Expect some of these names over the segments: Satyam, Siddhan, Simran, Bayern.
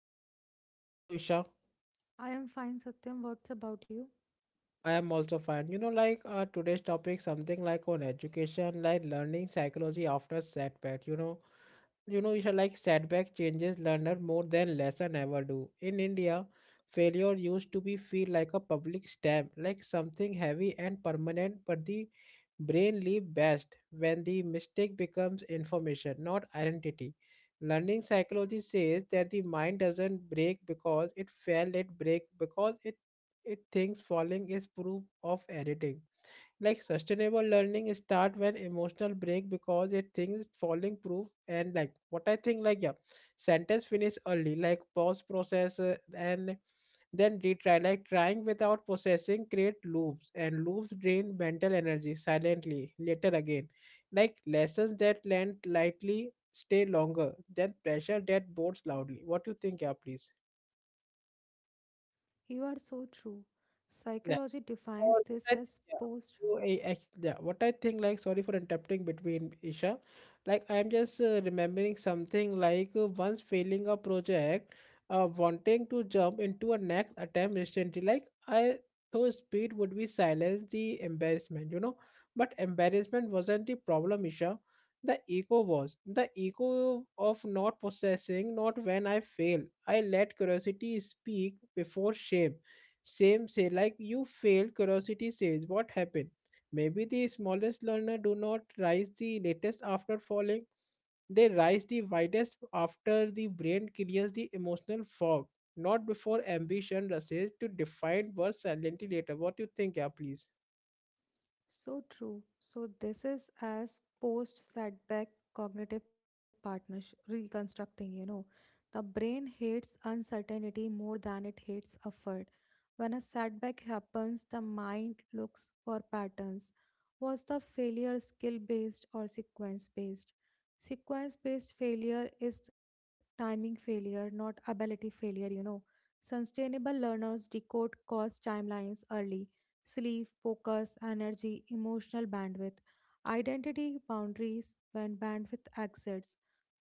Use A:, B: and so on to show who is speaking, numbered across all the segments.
A: co-host Isha. How are you, Isha?
B: I am fine, Satyam. What's about you?
A: I am also fine. You know, like today's topic, something like on education, like learning psychology after setback. You should like setback changes learner more than lesson ever do. In India, failure used to be feel like a public stamp, like something heavy and permanent. But the brain live best when the mistake becomes information, not identity. Learning psychology says that the mind doesn't break because it failed. It break because it thinks falling is proof of editing. Like sustainable learning start when emotional break because it thinks falling proof, and like what I think, like, yeah, sentence finish early, like pause process and then retry, like trying without processing create loops, and loops drain mental energy silently later again. Like lessons that land lightly stay longer than pressure that boards loudly. What do you think? Yeah, please.
B: You are so true. Psychology
A: Or
B: defines
A: what
B: this
A: I
B: as
A: think, yeah,
B: post
A: yeah, what I think, like, sorry for interrupting between Isha. Like, I'm just remembering something like once failing a project, wanting to jump into a next attempt instantly. Like, I thought speed would be silence the embarrassment, you know. But embarrassment wasn't the problem, Isha. The ego was the ego of not possessing, not when I fail. I let curiosity speak before shame same say like you failed, curiosity says what happened. Maybe the smallest learner do not rise the latest after falling. They rise the widest after the brain clears the emotional fog, not before ambition rushes to define words silently later. What you think, yeah, please?
B: so true. So this is as post setback cognitive partnership reconstructing. You know. The brain hates uncertainty more than it hates effort. When a setback happens, the mind looks for patterns. Was the failure skill based or sequence based? Sequence based failure is timing failure, not ability failure. Sustainable learners decode cause timelines early, sleep, focus, energy, emotional bandwidth, identity boundaries. When bandwidth exits,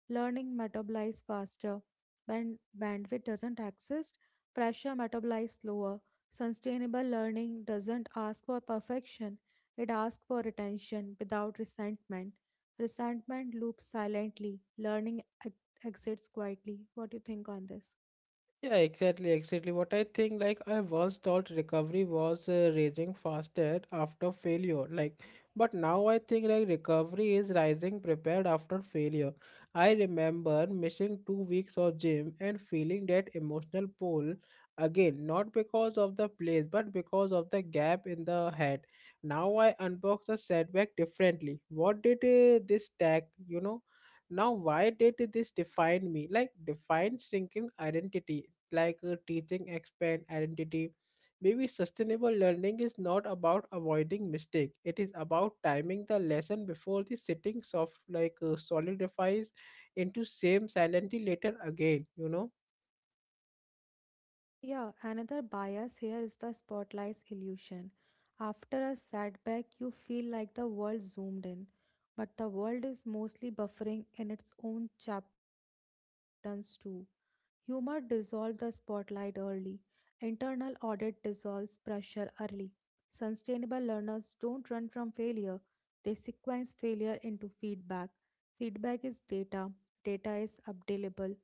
B: learning metabolizes faster. When bandwidth doesn't exist, pressure metabolizes slower. Sustainable learning doesn't ask for perfection, it asks for attention without resentment. Resentment loops silently, learning exits quietly. What do you think on this?
A: Yeah, exactly, exactly. What I think, like, I once thought recovery was rising faster after failure, like, but now I think, like, recovery is rising prepared after failure. I remember missing 2 weeks of gym and feeling that emotional pull again, not because of the place, but because of the gap in the head. Now I unbox the setback differently. What did this tag, you know? Now, why did this define me? Like, define shrinking identity like teaching expand identity. Maybe sustainable learning is not about avoiding mistake. It is about timing the lesson before the sitting soft like solidifies into same silently later again. You know.
B: Yeah, another bias here is the spotlight illusion. After a setback, you feel like the world zoomed in, but the world is mostly buffering in its own chapters too. Humor dissolves the spotlight early. Internal audit dissolves pressure early. Sustainable learners don't run from failure, they sequence failure into feedback. Feedback is data, data is updatable,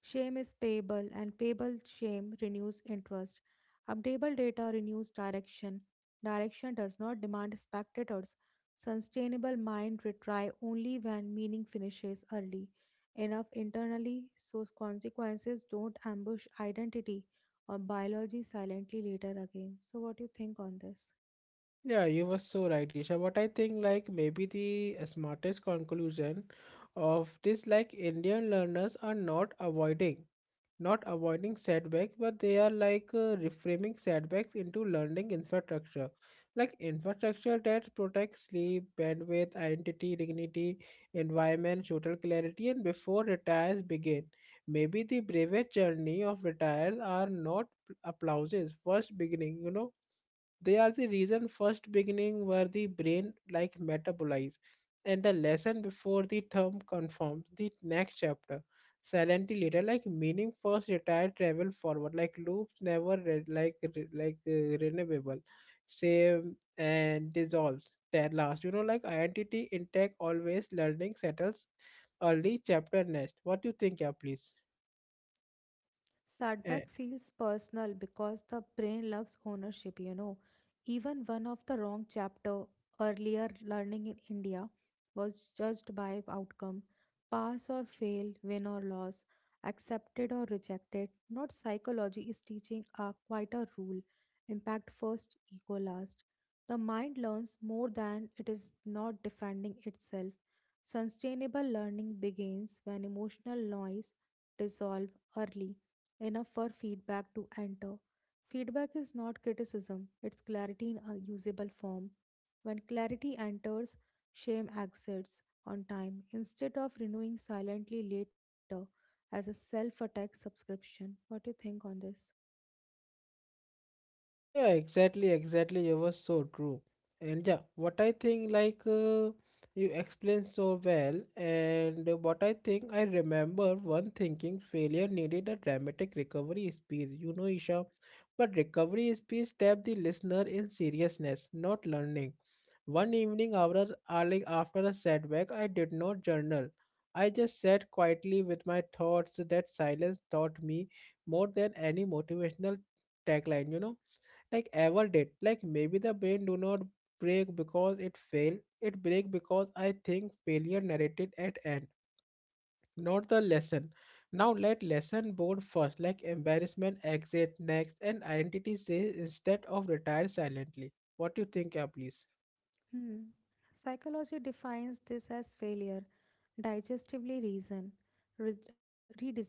B: shame is payable, and payable shame renews interest. Updatable data renews direction. Direction does not demand spectators. Sustainable mind retry only when meaning finishes early enough internally, so consequences don't ambush identity or biology silently later again. So, what do you think on this?
A: Yeah, you were so right, Isha. What I think, like, maybe the smartest conclusion of this, like, Indian learners are not avoiding. Not avoiding setbacks, but they are like reframing setbacks into learning infrastructure, like infrastructure that protects sleep, bandwidth, identity, dignity, environment, social clarity, and before retires begin. Maybe the bravest journey of retires are not applauses, first beginning, you know, they are the reason first beginning where the brain like metabolize and the lesson before the term confirms the next chapter. Silently later, like meaning first retire travel forward, like loops never like renewable same and dissolves that last, you know, like identity intact always, learning settles early chapter next. What do you think? Yeah, please.
B: Setback feels personal because the brain loves ownership. Even one of the wrong chapter, earlier learning in India was judged by outcome. Pass or fail, win or loss, accepted or rejected. Not psychology is teaching a quite a rule. Impact first, ego last. The mind learns more than it is not defending itself. Sustainable learning begins when emotional noise dissolves early enough for feedback to enter. Feedback is not criticism, it's clarity in a usable form. When clarity enters, shame exits on time instead of renewing silently later as a self attack subscription. What do you think on this?
A: Yeah, exactly, exactly. You were so true. And yeah, what I think, like, you explained so well. And what I think, I remember one thinking failure needed a dramatic recovery speech, you know, Isha. But recovery speech tap the listener in seriousness, not learning. One evening, after, like after a setback, I did not journal. I just sat quietly with my thoughts. That silence taught me more than any motivational tagline, you know, like ever did. Like maybe the brain do not break because it failed. It break because I think failure narrated at end, not the lesson. Now let lesson board first, like embarrassment exit next, and identity says instead of retire silently. What do you think, yeah, please?
B: Hmm. Psychology defines this as failure, digestively reason, re- redesign.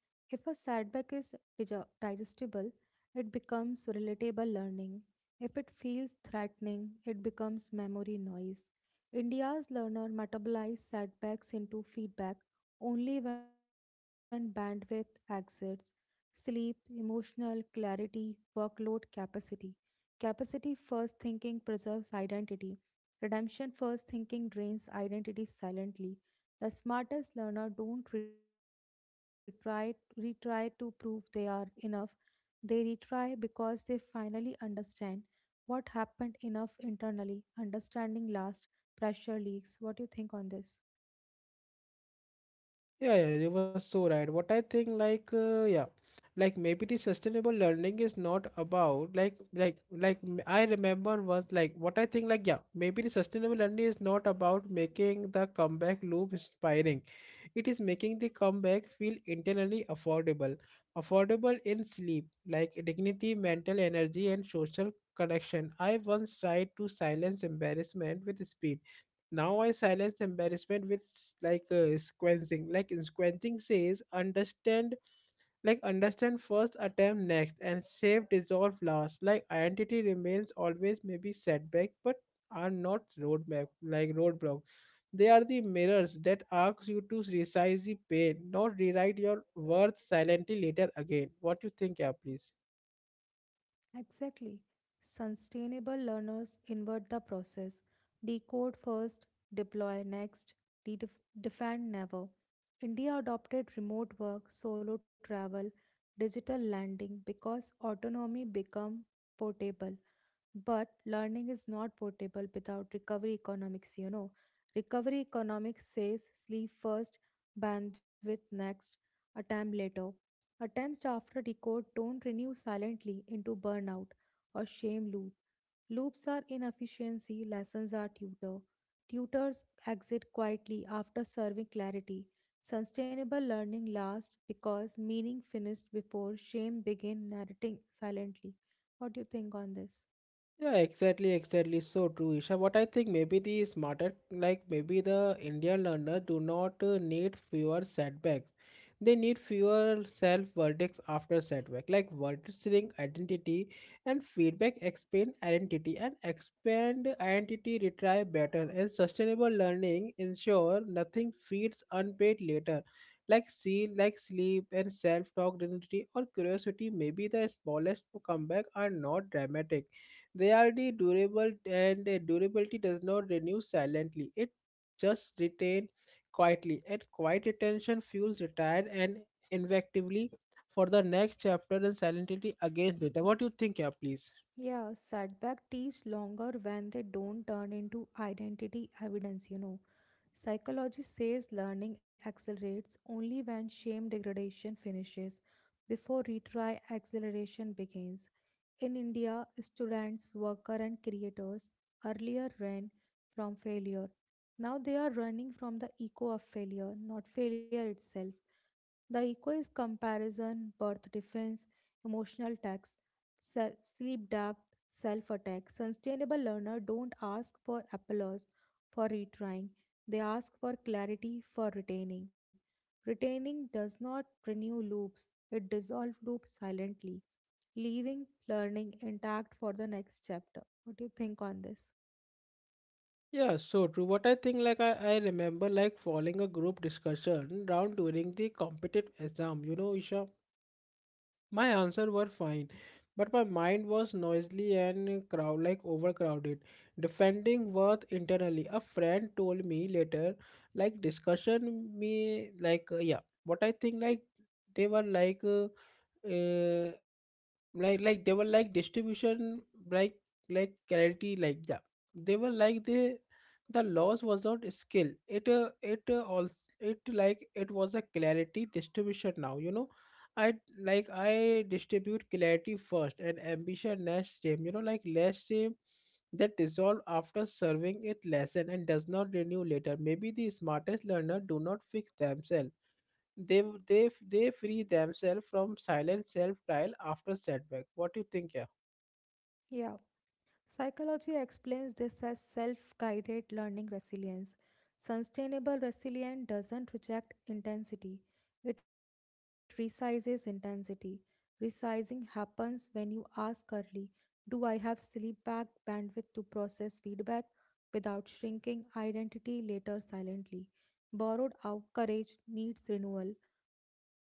B: If a setback is digestible, it becomes relatable learning. If it feels threatening, it becomes memory noise. India's learner metabolize setbacks into feedback only when bandwidth exits, sleep, emotional clarity, workload capacity. Capacity first thinking preserves identity. Redemption first thinking drains identity silently. The smartest learner don't retry, retry to prove they are enough. They retry because they finally understand what happened enough internally. Understanding last, pressure leaks. What do you think on this?
A: Yeah, yeah, you were so right. What I think, like, yeah, like maybe the sustainable learning is not about like, I remember once, like, what I think, like, yeah, maybe the sustainable learning is not about making the comeback loop inspiring. It is making the comeback feel internally affordable, affordable in sleep, like dignity, mental energy, and social connection. I once tried to silence embarrassment with speed, now I silence embarrassment with like sequencing. Like in sequencing says, understand, like understand first, attempt next, and save dissolve last. Like identity remains always maybe setbacks, but are not roadmap like roadblock. They are the mirrors that ask you to resize the pain, not rewrite your worth silently later again. What you think, yeah, please?
B: Exactly. Sustainable learners invert the process, decode first, deploy next, redef- defend never. India adopted remote work, solo travel, digital landing because autonomy become portable. But learning is not portable without recovery economics. Recovery economics says sleep first, bandwidth next, attempt later. Attempts after decode don't renew silently into burnout or shame loop. Loops are inefficiency, lessons are tutor. Tutors exit quietly after serving clarity. Sustainable learning lasts because meaning finished before shame begin narrating silently. What do you think on this?
A: Yeah, exactly, exactly. So true, Isha. What I think maybe the smarter, like maybe the Indian learner do not need fewer setbacks. They need fewer self verdicts after setback, like registering identity and feedback expand identity and expand identity retry better and sustainable learning ensure nothing feeds unpaid later. Like see, like sleep and self-talk identity or curiosity, maybe the smallest comeback are not dramatic, they are the durable and the durability does not renew silently. It just retain quietly, and quiet retention fuels retired and invectively for the next chapter and silently against data. What do you think, yeah, please?
B: Yeah, setback takes longer when they don't turn into identity evidence. Psychology says learning accelerates only when shame degradation finishes before retry acceleration begins. In India, students, workers, and creators earlier ran from failure. Now they are running from the echo of failure, not failure itself. The echo is comparison, birth defense, emotional tax, sleep debt, self attack. Sustainable learner don't ask for applause for retrying, they ask for clarity for retaining. Retaining does not renew loops, it dissolves loops silently, leaving learning intact for the next chapter. What do you think on this?
A: Yeah, so true. What I think, like, I remember, like following a group discussion round during the competitive exam. You know, Isha, my answers were fine, but my mind was noisily and crowd like overcrowded, defending worth internally. A friend told me later, like discussion me like yeah, what I think like they were like uh, they were like distribution, like clarity, like yeah they were like the loss was not skill, it it all it like it was a clarity distribution now, you know. I distribute clarity first and ambition less shame. You know, like less shame that dissolve after serving it lesson and does not renew later. Maybe the smartest learner do not fix themselves. They free themselves from silent self trial after setback. What do you think, yeah?
B: Yeah. Psychology explains this as self guided learning resilience. Sustainable resilience doesn't reject intensity, it resizes intensity. Resizing happens when you ask early, do I have sleep back bandwidth to process feedback without shrinking identity later silently? Borrowed out courage needs renewal.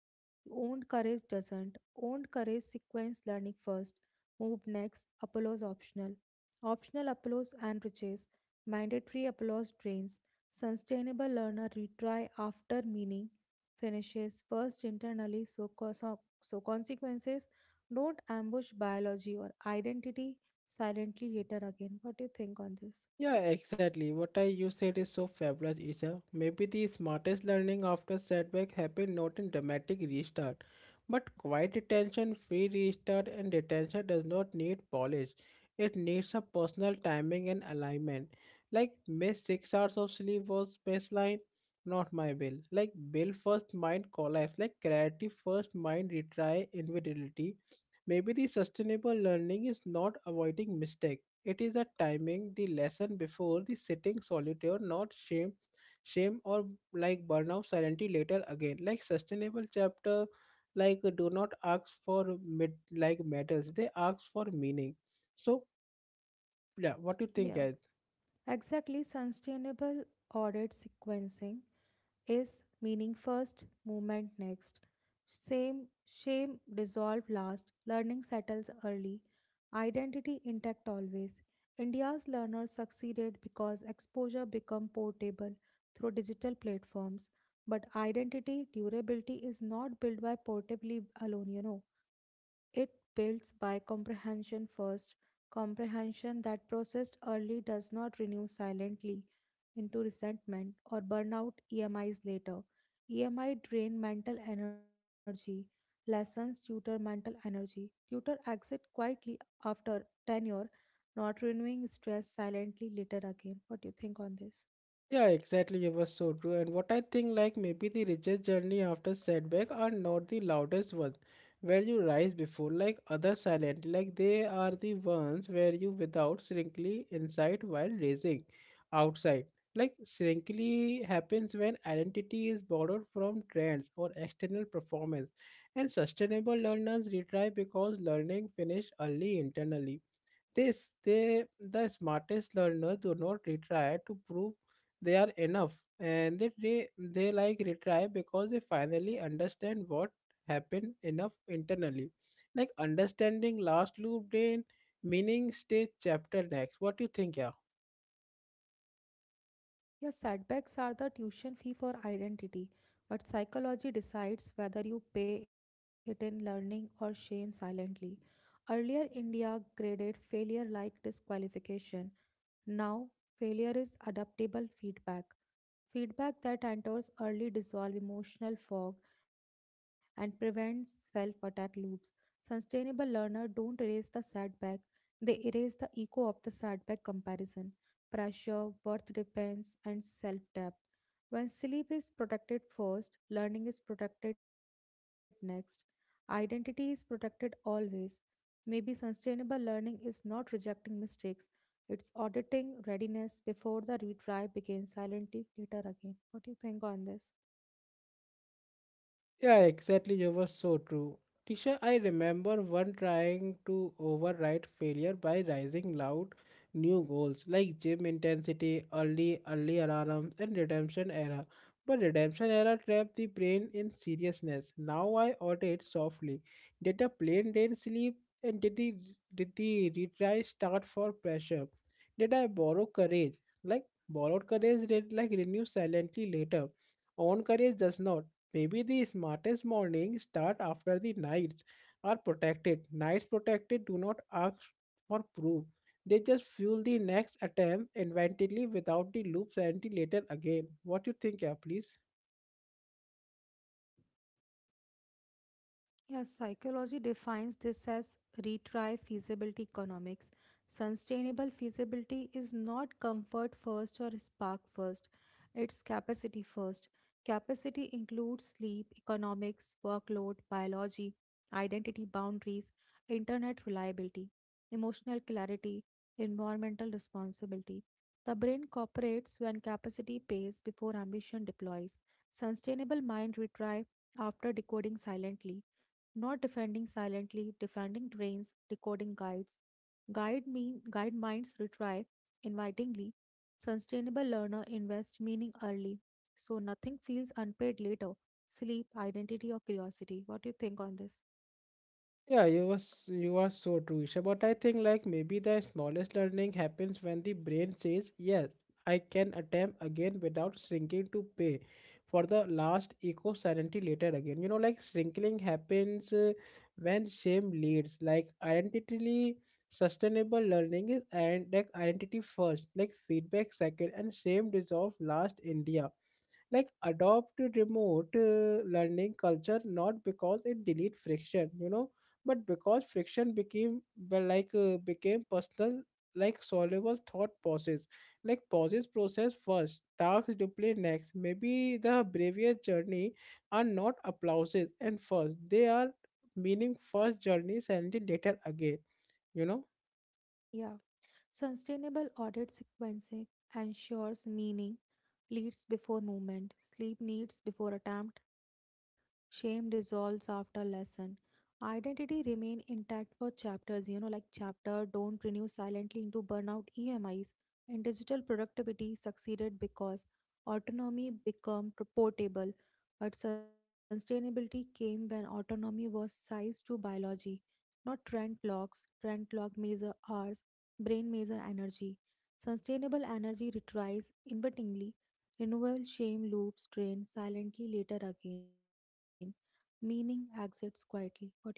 B: Owned courage doesn't. Owned courage sequence learning first, move next, apologise optional. Optional applause enriches, mandatory applause drains. Sustainable learner retry after meaning finishes first internally, so consequences don't ambush biology or identity silently later again. What do you think on this?
A: Yeah, exactly. What I you said is so fabulous, Isha. Maybe the smartest learning after setback happen not in dramatic restart, but quiet attention, free restart, and attention does not need polish. It needs a personal timing and alignment. Like miss 6 hours of sleep was baseline, not my will. Like bill first, mind collapse. Like clarity first, mind retry inevitability. Maybe the sustainable learning is not avoiding mistake, it is a timing the lesson before the sitting solitaire, not shame, or like burnout silently later again. Like sustainable chapter, like do not ask for mid like medals. They ask for meaning. So yeah, what do you think,
B: Yeah.
A: guys?
B: Exactly, sustainable audit sequencing is meaning first, movement next. Same shame dissolve last, learning settles early, identity intact always. India's learners succeeded because exposure become portable through digital platforms, but identity durability is not built by portably alone. It builds by comprehension first, comprehension that processed early does not renew silently into resentment or burnout EMIs later. EMI drain mental energy, lessons tutor mental energy, tutor exit quietly after tenure, not renewing stress silently later again. What do you think on this?
A: Yeah, exactly. It was so true. And what I think, like maybe the richest journey after setback are not the loudest ones, where you rise before like other silent. Like they are the ones where you without shrinkly inside while raising outside. Like shrinkly happens when identity is borrowed from trends or external performance, and sustainable learners retry because learning finish early internally, this they the smartest learners do not retry to prove they are enough, and they like retry because they finally understand what happened enough internally. Like understanding last loop brain meaning stage chapter next. What do you think, yeah?
B: Your setbacks are the tuition fee for identity, but psychology decides whether you pay it in learning or shame silently. Earlier, India graded failure like disqualification. Now, failure is adaptable feedback. Feedback that enters early dissolves emotional fog and prevents self attack loops. Sustainable learners don't erase the setback, they erase the echo of the setback, comparison, pressure, worth depends, and self doubt. When sleep is protected first, learning is protected next, identity is protected always. Maybe sustainable learning is not rejecting mistakes, it's auditing readiness before the retry begins silently later again. What do you think on this?
A: Yeah, exactly. You were so true. Tisha, I remember one trying to override failure by rising loud new goals like gym intensity, early early alarms, and redemption era. But redemption era trapped the brain in seriousness. Now I audit softly. Did a plain day sleep, and did the retry start for pressure? Did I borrow courage? Like borrowed courage did like renew silently later. Own courage does not. Maybe the smartest mornings start after the nights are protected. Nights protected do not ask for proof. They just fuel the next attempt inventively without the loops and the later again. What you think, yeah, please?
B: Yeah, psychology defines this as retry feasibility economics. Sustainable feasibility is not comfort first or spark first, it's capacity first. Capacity includes sleep, economics, workload, biology, identity boundaries, internet reliability, emotional clarity, environmental responsibility. The brain cooperates when capacity pays before ambition deploys. Sustainable mind retries after decoding silently, not defending silently. Defending drains, decoding guides. Guide minds retry invitingly. Sustainable learner invest meaning early, so nothing feels unpaid later. Sleep, identity, or curiosity. What do you
A: Yeah,
B: think on this?
A: you are so true, Isha. But I think like maybe the smallest learning happens when the brain says, yes, I can attempt again without shrinking to pay for the last eco sanity later again. You know, like shrinking happens when shame leads. Like identity sustainable learning is and like identity first, like feedback second, and shame dissolve last. India like adopt remote learning culture, not because it delete friction, you know, but because friction became well, like became personal, like soluble thought pauses, like pauses process first, tasks to play next. Maybe the bravest journey are not applauses and first, they are meaning first journey and later again, you know.
B: Yeah, sustainable audit sequencing ensures meaning leads before movement, sleep needs before attempt, shame dissolves after lesson. Identity remain intact for chapters, like chapter don't renew silently into burnout EMIs. And digital productivity succeeded because autonomy became portable, but sustainability came when autonomy was sized to biology, not trend clocks. Trend clock measure hours, brain measure energy. Sustainable energy retrieves inadvertently. Renewal shame loops drain silently later again, meaning exits quietly. What do you think on this?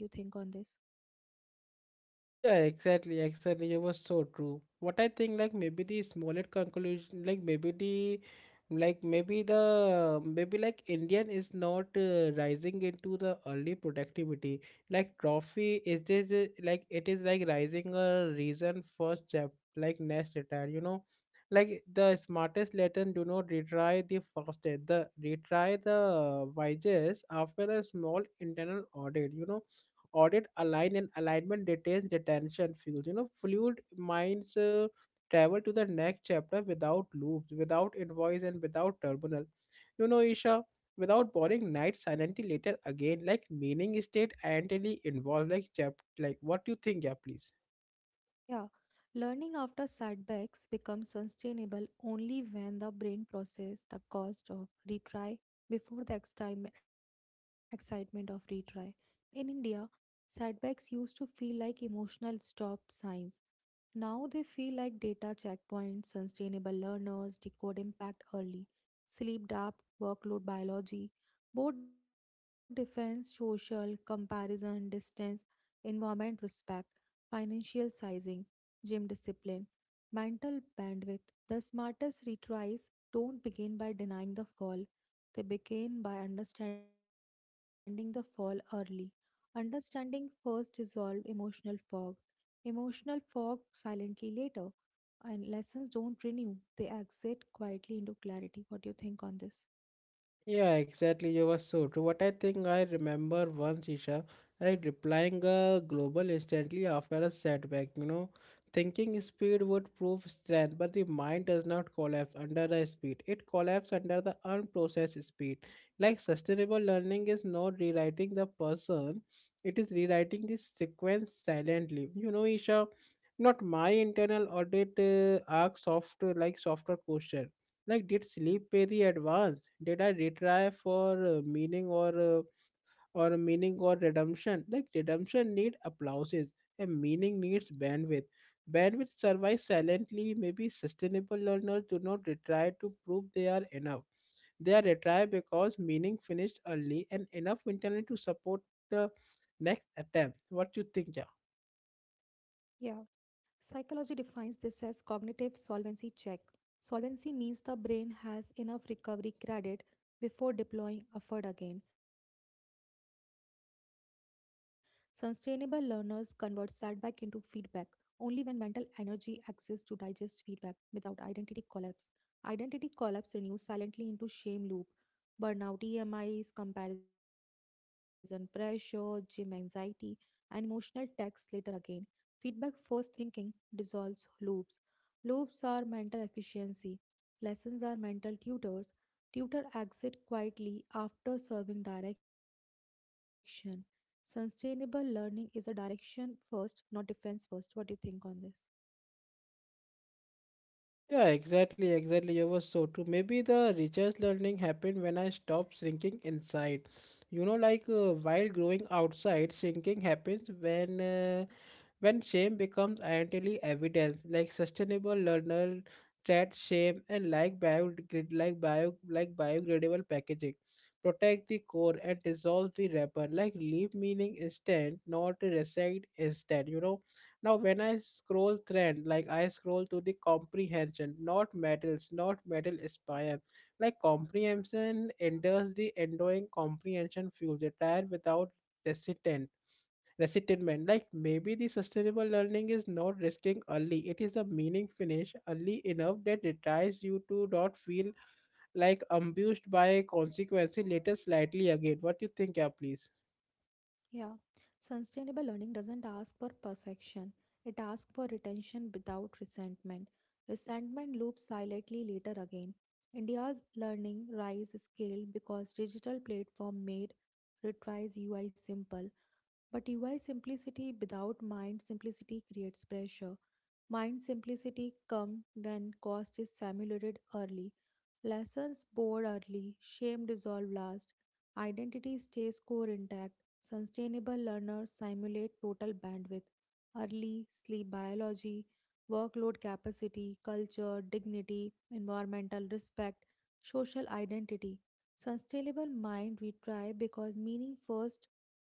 A: Yeah, exactly, exactly. You were so true. What I think, like maybe the smallest conclusion, like maybe the maybe like Indian is not rising into the early productivity. Like trophy is like it is like rising a reason first step like next retire. You know, like the smartest Latin do not retry the fastest. The retry the wisest after a small internal audit. You know, audit align and alignment retains retention fuels, you know, fluid minds travel to the next chapter without loops, without invoice, and without terminal, you know, Isha, without boring night silently later again, like meaning state identity involved like chap, like what do you think, yeah, please?
B: Yeah, learning after setbacks becomes sustainable only when the brain processes the cost of retry before the excitement of retry. In India, setbacks used to feel like emotional stop signs. Now they feel like data checkpoints. Sustainable learners decode impact early, sleep depth, workload biology, board defense, social, comparison, distance, environment respect, financial sizing, gym discipline, mental bandwidth. The smartest retries don't begin by denying the fall, they begin by understanding the fall early. Understanding first dissolves emotional fog. Emotional fog silently later. And lessons don't renew, they exit quietly into clarity. What do you think on this?
A: Yeah, exactly. You were so true. What I think, I remember once, Isha, like replying a global instantly after a setback, you know, thinking speed would prove strength, but the mind does not collapse under the speed. It collapses under the unprocessed speed. Like sustainable learning is not rewriting the person, it is rewriting the sequence silently. You know, Isha, not my internal audit asks software, like software question, like, did sleep pay the advance? Did I retry for meaning or uh, meaning or redemption? Like, redemption need applauses, and meaning needs bandwidth. Bandwidth survives silently. Maybe sustainable learners do not retry to prove they are enough. They are retired because meaning finished early and enough internally to support the next attempt. What do you think, Ja?
B: Yeah. Psychology defines this as cognitive solvency check. Solvency means the brain has enough recovery credit before deploying effort again. Sustainable learners convert setback into feedback only when mental energy exists to digest feedback without identity collapse. Identity collapse renews silently into shame loop. Burnout EMIs, comparison pressure, gym anxiety, and emotional tax later again. Feedback first thinking dissolves loops. Loops are mental efficiency. Lessons are mental tutors. Tutor exit quietly after serving direction. Sustainable learning is a direction first, not defense first. What do you think on this?
A: Yeah, exactly, exactly. You were so true. Maybe the richest learning happened when I stopped shrinking inside. You know, like while growing outside, shrinking happens when shame becomes identity evidence, like sustainable learner trade shame and like biodegradable packaging, protect the core and dissolve the wrapper. Like leave meaning instant, not reside instant. You know. Now when I scroll trend, like I scroll to the comprehension, not metals, not metal aspire. Like comprehension enters the enduring comprehension fuel the tire without resistant resentment. Like maybe the sustainable learning is not resting early. It is a meaning finish early enough that it tries you to not feel like ambushed by consequences later slightly again. What you think, yeah, please?
B: Yeah, sustainable learning doesn't ask for perfection, it asks for retention without resentment. Resentment loops silently later again. India's learning rise scaled because digital platform made retries UI simple, but UI simplicity without mind simplicity creates pressure. Mind simplicity comes when cost is simulated early, lessons bored early, shame dissolve last, identity stays core intact. Sustainable learners simulate total bandwidth early, sleep biology, workload capacity, culture, dignity, environmental respect, social identity. Sustainable mind we try because meaning first,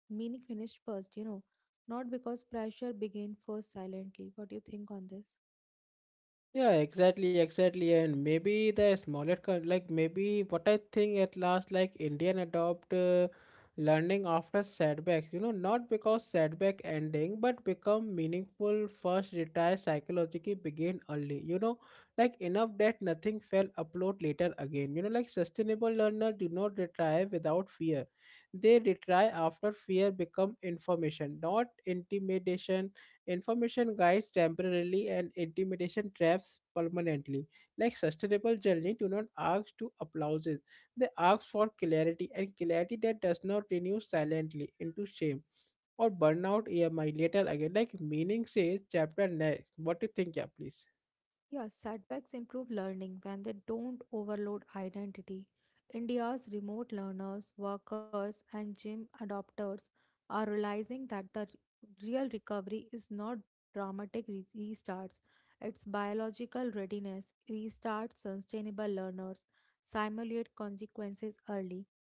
B: meaning finished first, you know not because pressure began first silently. What do you think on this?
A: Yeah, exactly, exactly. And maybe the smaller, like maybe what I think at last, like Indian adopt learning after setbacks, you know, not because setback ending, but become meaningful first retire psychologically begin early, you know, like enough that nothing fell upload later again, you know, like sustainable learner do not retire without fear. They retire after fear become information, not intimidation. Information guides temporarily and intimidation traps permanently. Like sustainable journey do not ask to applauses. They ask for clarity and clarity that does not renew silently into shame or burnout EMI later again. Like meaning says chapter next. What do you think, yeah, please?
B: Yeah, setbacks improve learning when they don't overload identity. India's remote learners, workers, and gym adopters are realizing that the real recovery is not dramatic restarts, it's biological readiness. Restart sustainable learners, simulate consequences early.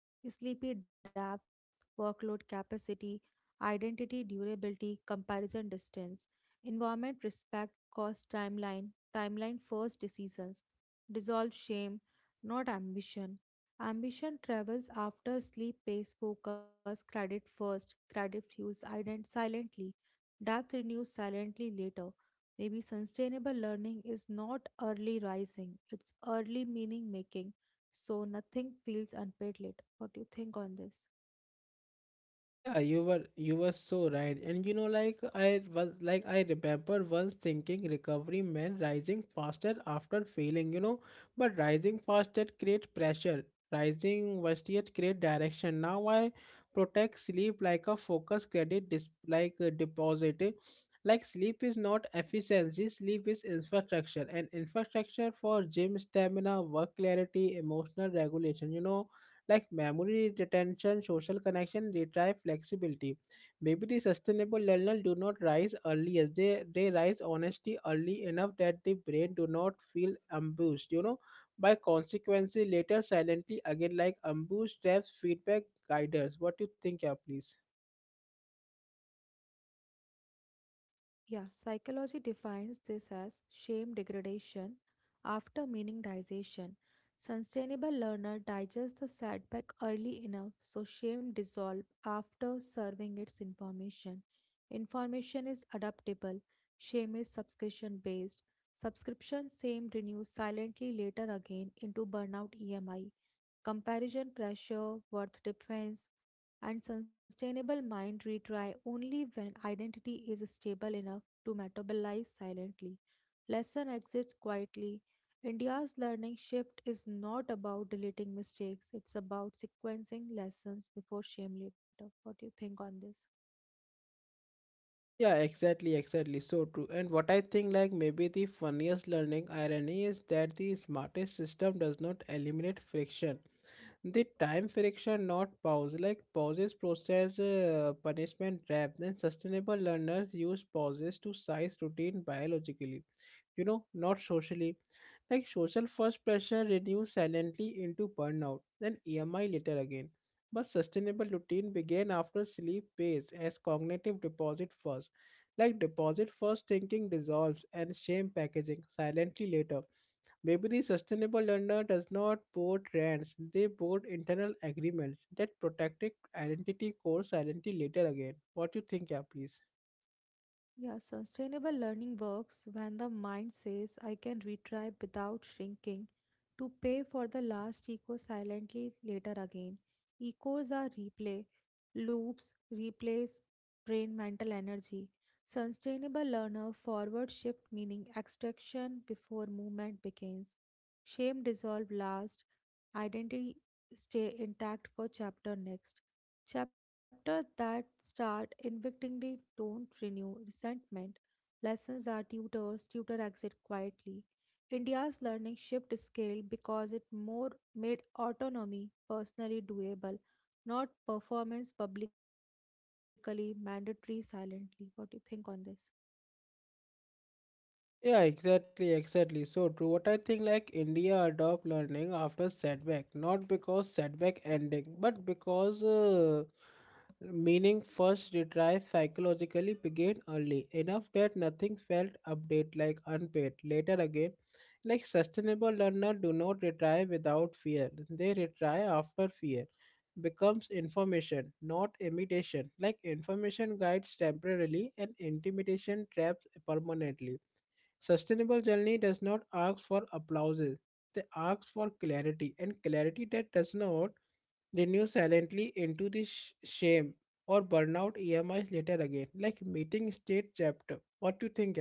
B: Sleepy depth, workload capacity, identity durability, comparison distance, environment respect, cost timeline first decisions, dissolve shame, not ambition. Ambition travels after sleep pays focus, credit first, credit fuels ident silently, depth renews silently later. Maybe sustainable learning is not early rising, it's early meaning making, so nothing feels unpaid late. What do you think on this?
A: Yeah, you were so right. And you know, like I remember once thinking recovery meant rising faster after failing, you know, but rising faster create pressure. Rising versus create direction. Now I protect sleep like a focus credit dis like a deposit. Eh. Like sleep is not efficiency, sleep is infrastructure. And infrastructure for gym stamina, work clarity, emotional regulation, you know, like memory retention, social connection, retrieve flexibility. Maybe the sustainable learner do not rise early as they rise honestly early enough that the brain do not feel ambushed, you know, by consequences later silently again, like ambush traps, feedback, guiders. What do you think, yeah, please?
B: Yeah, psychology defines this as shame degradation after meaningization. Sustainable learner digests the setback early enough so shame dissolves after serving its information. Information is adaptable. Shame is subscription based. Subscription shame renews silently later again into burnout EMI. Comparison pressure, worth defense, and sustainable mind retry only when identity is stable enough to metabolize silently. Lesson exits quietly. India's learning shift is not about deleting mistakes, it's about sequencing lessons before shame later. What do you think on this?
A: Yeah, exactly, exactly. So true. And what I think, like, maybe the funniest learning irony is that the smartest system does not eliminate friction. The time friction not pause, like pauses process punishment trap, then sustainable learners use pauses to size routine biologically, you know, not socially, like social first pressure reduced silently into burnout, then EMI later again, but sustainable routine began after sleep pace as cognitive deposit first, like deposit first thinking dissolves and shame packaging silently later. Maybe the sustainable learner does not board rants, they board internal agreements that protect identity core identity later again. What do you think, yeah, please?
B: Yeah, sustainable learning works when the mind says I can retry without shrinking to pay for the last echo silently later again. Echoes are replay, loops replace brain mental energy. Sustainable learner forward shift meaning extraction before movement begins. Shame dissolve last, identity stay intact for chapter next. Chapters that start invictingly don't renew resentment. Lessons are tutors, tutor exit quietly. India's learning shift scale because it more made autonomy personally doable, not performance publicly mandatory silently. What do you think on this?
A: Yeah, exactly, exactly. So true. What I think, like India adopt learning after setback, not because setback ending, but because meaning first retrieve psychologically began early enough that nothing felt update, like unpaid. Later again, like sustainable learner do not retry without fear. They retry after fear becomes information, not imitation. Like information guides temporarily and intimidation traps permanently. Sustainable journey does not ask for applauses. They ask for clarity, and clarity that does not renew silently into the shame or burnout EMIs later again, like meeting state chapter. What do you think?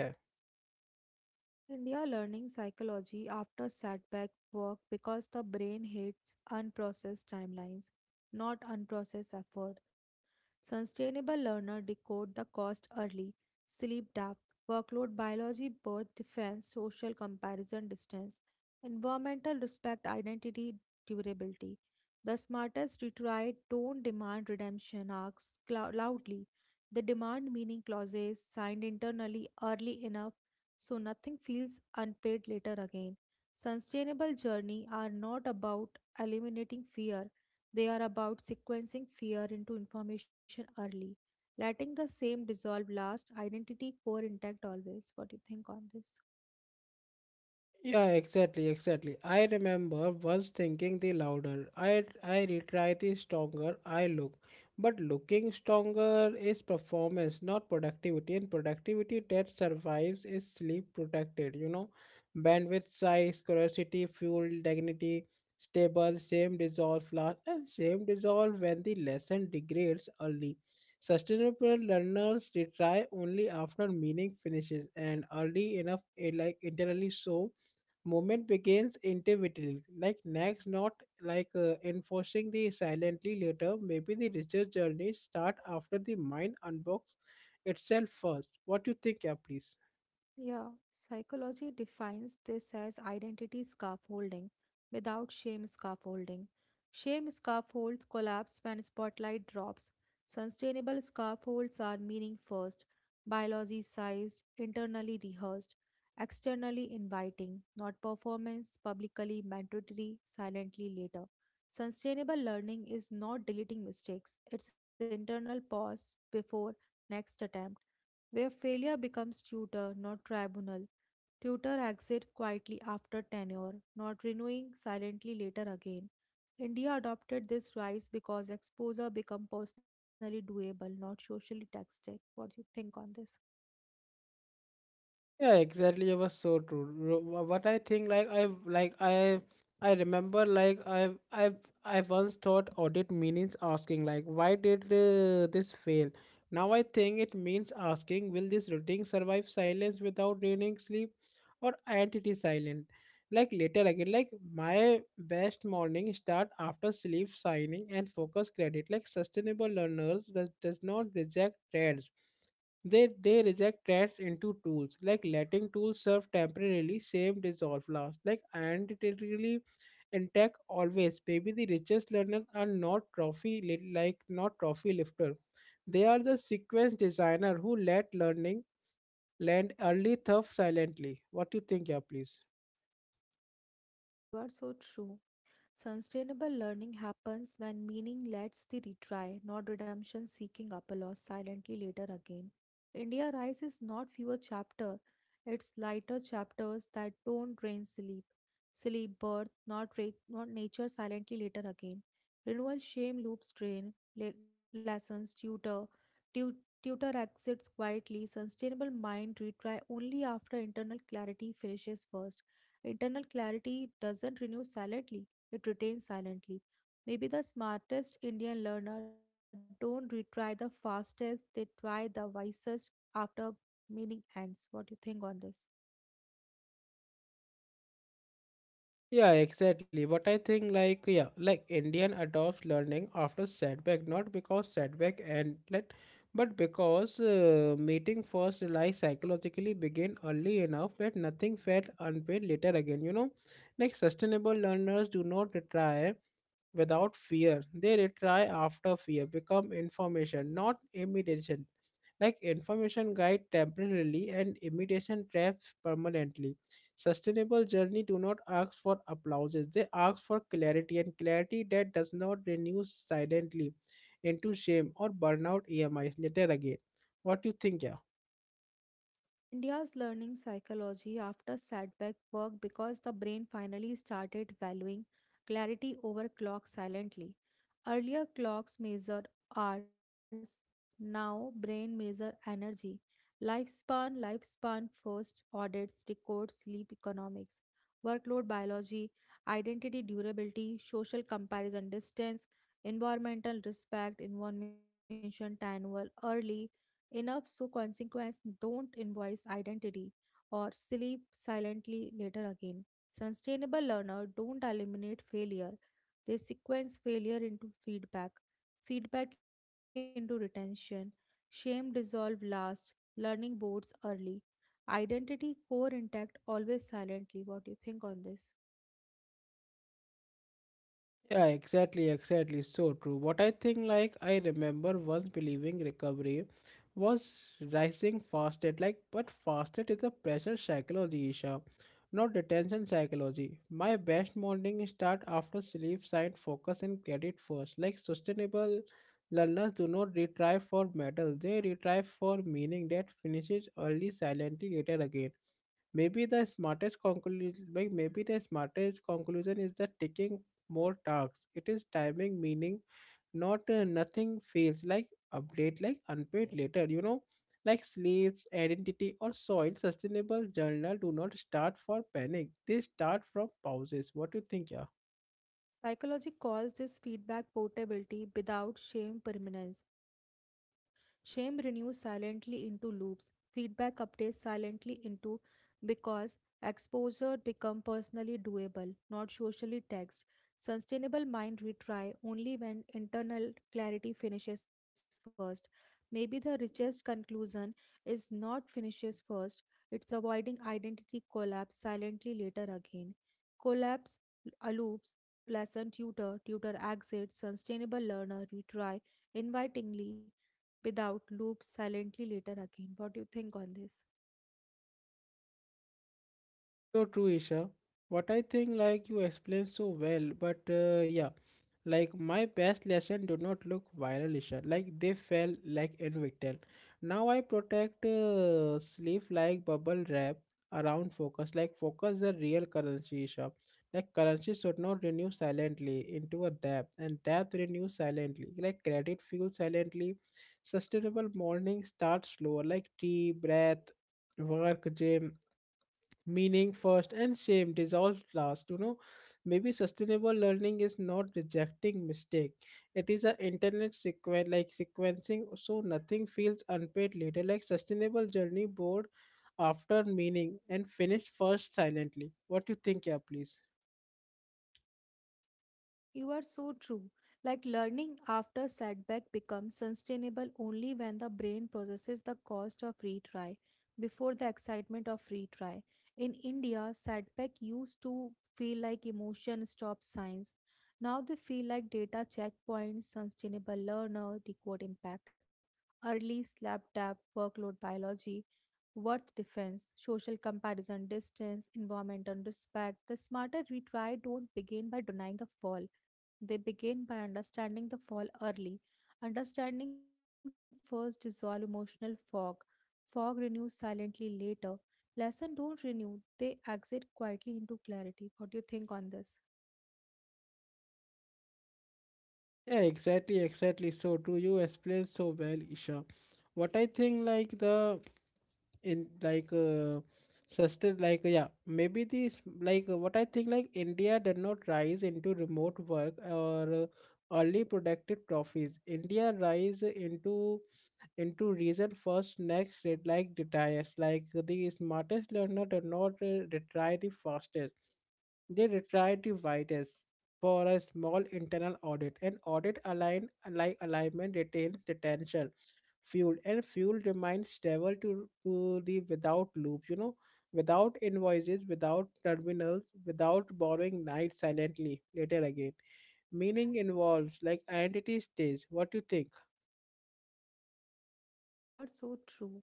B: India learning psychology after setback work because the brain hates unprocessed timelines, not unprocessed effort. Sustainable learner decode the cost early, sleep depth, workload biology, birth defense, social comparison distance, environmental respect, identity, durability. The smartest retried don't demand redemption arcs loudly. They demand meaning clauses signed internally early enough so nothing feels unpaid later again. Sustainable journey are not about eliminating fear. They are about sequencing fear into information early, letting the same dissolve last, identity core intact always. What do you think on this?
A: Yeah, exactly, exactly. I remember once thinking the louder I retry, the stronger I look. But looking stronger is performance, not productivity. And productivity that survives is sleep protected, you know. Bandwidth size, curiosity, fuel, dignity, stable, same dissolve last, and same dissolve when the lesson degrades early. Sustainable learners retry only after meaning finishes and early enough like internally, so movement begins intuitively, like next, not like enforcing the silently later. Maybe the research journey start after the mind unbox itself first. What do you think, yeah, please?
B: Yeah, psychology defines this as identity scaffolding without shame scaffolding. Shame scaffolds collapse when spotlight drops. Sustainable scaffolds are meaning first, biology sized, internally rehearsed, externally inviting, not performance, publicly mandatory, silently later. Sustainable learning is not deleting mistakes, it's internal pause before next attempt where failure becomes tutor, not tribunal. Tutor exit quietly after tenure, not renewing silently later again. India adopted this rise because exposure become personally doable, not socially taxed. What do you think on this?
A: Yeah, exactly. It was so true. What I think, like I remember, like I once thought audit means asking, like why did this fail? Now I think it means asking, will this routine survive silence without draining sleep, or entity silent? Like later again, like my best morning start after sleep signing and focus credit. Like sustainable learners does not reject trends. They reject threats into tools, like letting tools serve temporarily, same dissolve last. Like identitarily in tech always, maybe the richest learners are not like not trophy lifter. They are the sequence designer who let learning land early tough silently. What do you think, yeah, please?
B: You are so true. Sustainable learning happens when meaning lets the retry, not redemption seeking Apollos silently later again. India Rise is not fewer chapter, it's lighter chapters that don't drain sleep. Sleep birth, not, not nature silently later again. Renewal shame loops drain, lessons tutor, tu- tutor exits quietly, sustainable mind retry only after internal clarity finishes first. Internal clarity doesn't renew silently, it retains silently. Maybe the smartest Indian learner don't retry the fastest, they try the wisest after meaning ends. What do you think on this?
A: Yeah, exactly. But I think like, yeah, like Indian adopts learning after setback, not because setback and let, but because meeting first, like psychologically begin early enough that nothing felt unpaid later again. You know, like sustainable learners do not retry without fear; they retry after fear, become information, not imitation, like information guide temporarily and imitation traps permanently. Sustainable journey do not ask for applauses, they ask for clarity, and clarity that does not renew silently into shame or burnout E M EMIs later again. What do you think, yeah?
B: India's learning psychology after setback worked because the brain finally started valuing clarity over clock silently. Earlier clocks measured hours, now brain measure energy. Lifespan first, audits, record sleep economics, workload biology, identity durability, social comparison distance, environmental respect, information annual, early, enough so consequence don't invoice identity or sleep silently later again. Sustainable learner don't eliminate failure. They sequence failure into feedback, feedback into retention, shame dissolve last, learning boards early. Identity core intact always silently. What do you think on this?
A: Yeah, exactly, exactly. So true. What I think, like, I remember once believing recovery was rising fasted, like, but fasted is a pressure psychology, Isha, not detention psychology. My best morning start after sleep, sign, focus, and credit first. Like, sustainable learners do not retrieve for medal, they retrieve for meaning that finishes early, silently, later again. Maybe the smartest conclusion is that taking more tasks. It is timing, meaning, not nothing fails like update, like unpaid later. You know, like sleeps, identity, or soil. Sustainable journal do not start for panic. They start from pauses. What do you think, yeah?
B: Psychology calls this feedback portability without shame permanence. Shame renews silently into loops. Feedback updates silently into because exposure become personally doable, not socially taxed. Sustainable mind retry only when internal clarity finishes first. Maybe the richest conclusion is not finishes first. It's avoiding identity collapse silently later again. Collapse loops lesson tutor, tutor exit, sustainable learner, retry, invitingly, without loop, silently later again. What do you think on this?
A: So true, Isha. What I think, like you explained so well, but yeah, like my past lesson did not look viral, Isha. Like they fell like invictal. Now I protect sleep like bubble wrap around focus. Like focus the real currency, Isha. Like currency should not renew silently into a debt, and debt renews silently. Like credit fuels silently. Sustainable morning starts slower, like tea, breath, work, gym, meaning first and shame dissolved last, you know, maybe sustainable learning is not rejecting mistake, it is a internet sequen like sequencing so nothing feels unpaid later, like sustainable journey board after meaning and finish first silently. What you think, yeah, please?
B: You are so true. Like learning after setback becomes sustainable only when the brain processes the cost of retry before the excitement of retry. In India, setback used to feel like emotion stop signs. Now they feel like data checkpoints, sustainable learner, decode impact, early slap tap, workload biology, worth defense, social comparison distance, environmental respect. The smarter retry don't begin by denying the fall, they begin by understanding the fall early. Understanding first dissolve emotional fog. Fog renews silently later. Lesson don't renew, they exit quietly into clarity. What do you think on this?
A: Yeah, exactly, exactly. So do you explain so well, Isha. What I think, like the in, like sustain, like yeah, maybe this like what I think, like India did not rise into remote work or early productive trophies, India rise into reason first next rate, like retires, like the smartest learner did not retire the fastest, they retried the widest for a small internal audit. An audit align, like alignment retains potential fuel, and fuel remains stable to the without loop, you know, without invoices, without terminals, without borrowing night silently later again. Meaning involves like identity stage. What do you think?
B: You are so true.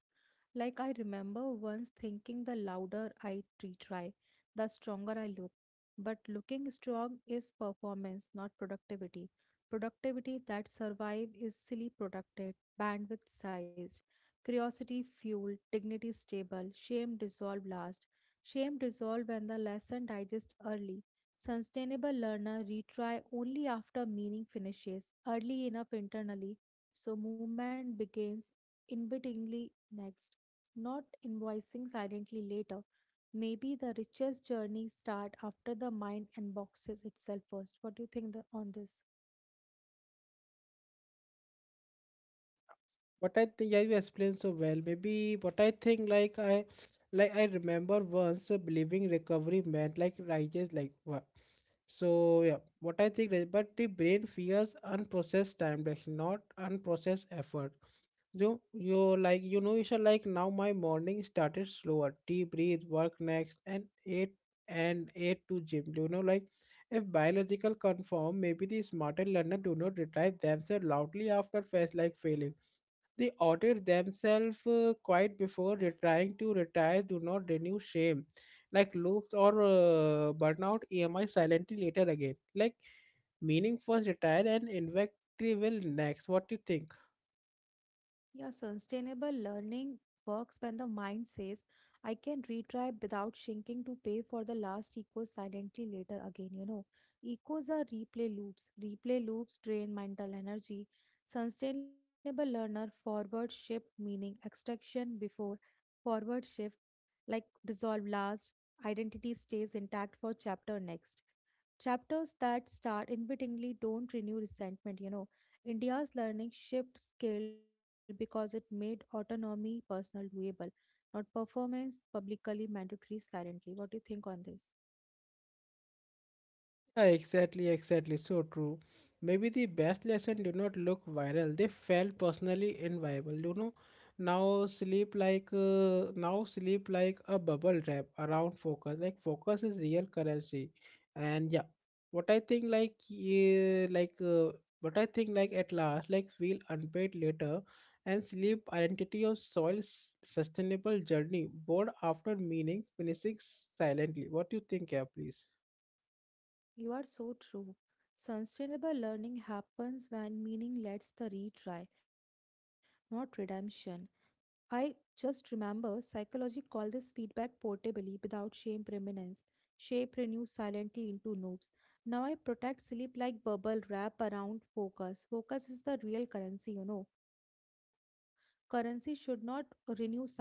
B: Like I remember once thinking the louder I retry, the stronger I look. But looking strong is performance, not productivity. Productivity that survive is silly protected, bandwidth sized, curiosity fueled, dignity stable, shame dissolved last. Shame dissolved when the lesson digests early. Sustainable learner retry only after meaning finishes, early enough internally so movement begins invitingly next, not invoicing silently later. Maybe the richest journey start after the mind unboxes itself first. What do you think the, on this?
A: What I think, yeah, you explained so well. Maybe what I think, like I remember once believing recovery meant like righteous, like what. So yeah, what I think, but the brain fears unprocessed time, like not unprocessed effort. You like, you know, you should like now. My morning started slower. Deep breathe, work next, and eight to gym. You know, like if biological confirm, maybe the smarter learner do not retrieve themselves loudly after fast like failing. They audit themselves quite before trying to retire, do not renew shame, like loops or burnout EMI silently later again. Like meaning first retire and invective will next. What do you think?
B: Yeah, sustainable learning works when the mind says, I can retrieve without shrinking to pay for the last echo silently later again. Echoes are replay loops. Replay loops drain mental energy. Sustainable learner forward shift, meaning extraction before, forward shift, like dissolve last, identity stays intact for chapter next. Chapters that start inadvertently don't renew resentment. India's learning shift scale because it made autonomy personal doable, not performance publicly mandatory silently. What do you think on this?
A: Yeah, exactly, exactly. So true. Maybe the best lesson do not look viral. They felt personally inviable. You know, now sleep like a bubble wrap around focus. Like focus is real currency, and yeah, what I think like, yeah, like what I think like at last like feel unpaid later, and sleep identity of soil sustainable journey bored after meaning finishing silently. What do you think, yeah, please?
B: You are so true. Sustainable learning happens when meaning lets the retry, not redemption. I just remember psychology called this feedback portably without shame permanence. Shape renews silently into noobs. Now I protect sleep like bubble wrap around focus. Focus is the real currency. Currency should not renew silently into debt.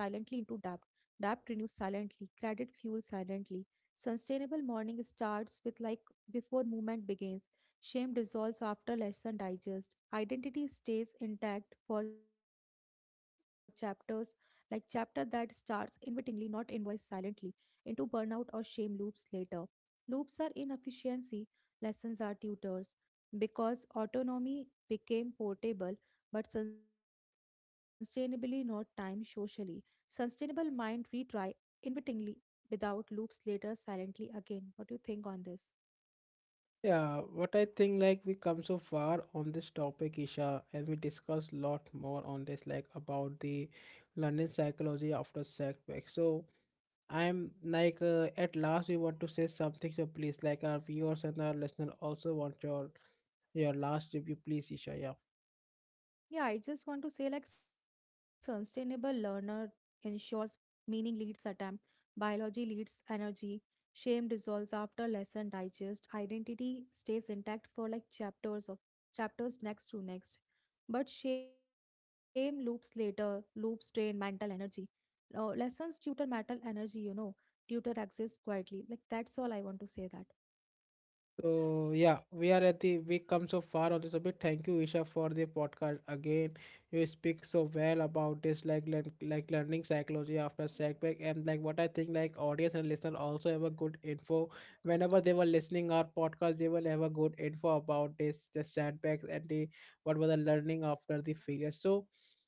B: Debt renews silently. Credit fuels silently. Sustainable morning starts with like before movement begins. Shame dissolves after lesson digest. Identity stays intact for chapters, like chapter that starts invitingly, not invoice silently, into burnout or shame loops later. Loops are inefficiency, lessons are tutors, because autonomy became portable but sustainably not time socially. Sustainable mind retry invitingly without loops later silently again. What do you think on this?
A: Yeah, what I think like we come so far on this topic, Isha, and we discuss lot more on this like about the London psychology after setback. So I'm like at last we want to say something, so please like our viewers and our listener also want your last review, please, Isha. Yeah.
B: Yeah, I just want to say like sustainable learner ensures meaning leads attempt, biology leads energy, shame dissolves after lesson digest, identity stays intact for like chapters of chapters next to next. But shame loops later, loops drain mental energy. Now, lessons tutor mental energy, tutor exists quietly. Like that's all I want to say that.
A: So yeah, we are at the we come so far on this a bit. Thank you, Isha, for the podcast again. You speak so well about this, like learning psychology after setback, and like what I think, like audience and listener also have a good info. Whenever they were listening our podcast, they will have a good info about this, the setbacks and the what was the learning after the failure. So,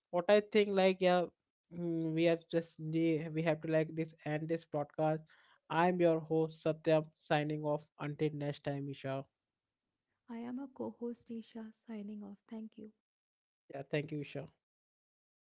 A: what I think, like yeah, we have just we have to like this end this podcast. I'm your host Satyam signing off until next time, Isha.
B: I am a co-host Isha signing off. Thank you.
A: Yeah, thank you, Isha.
B: Thank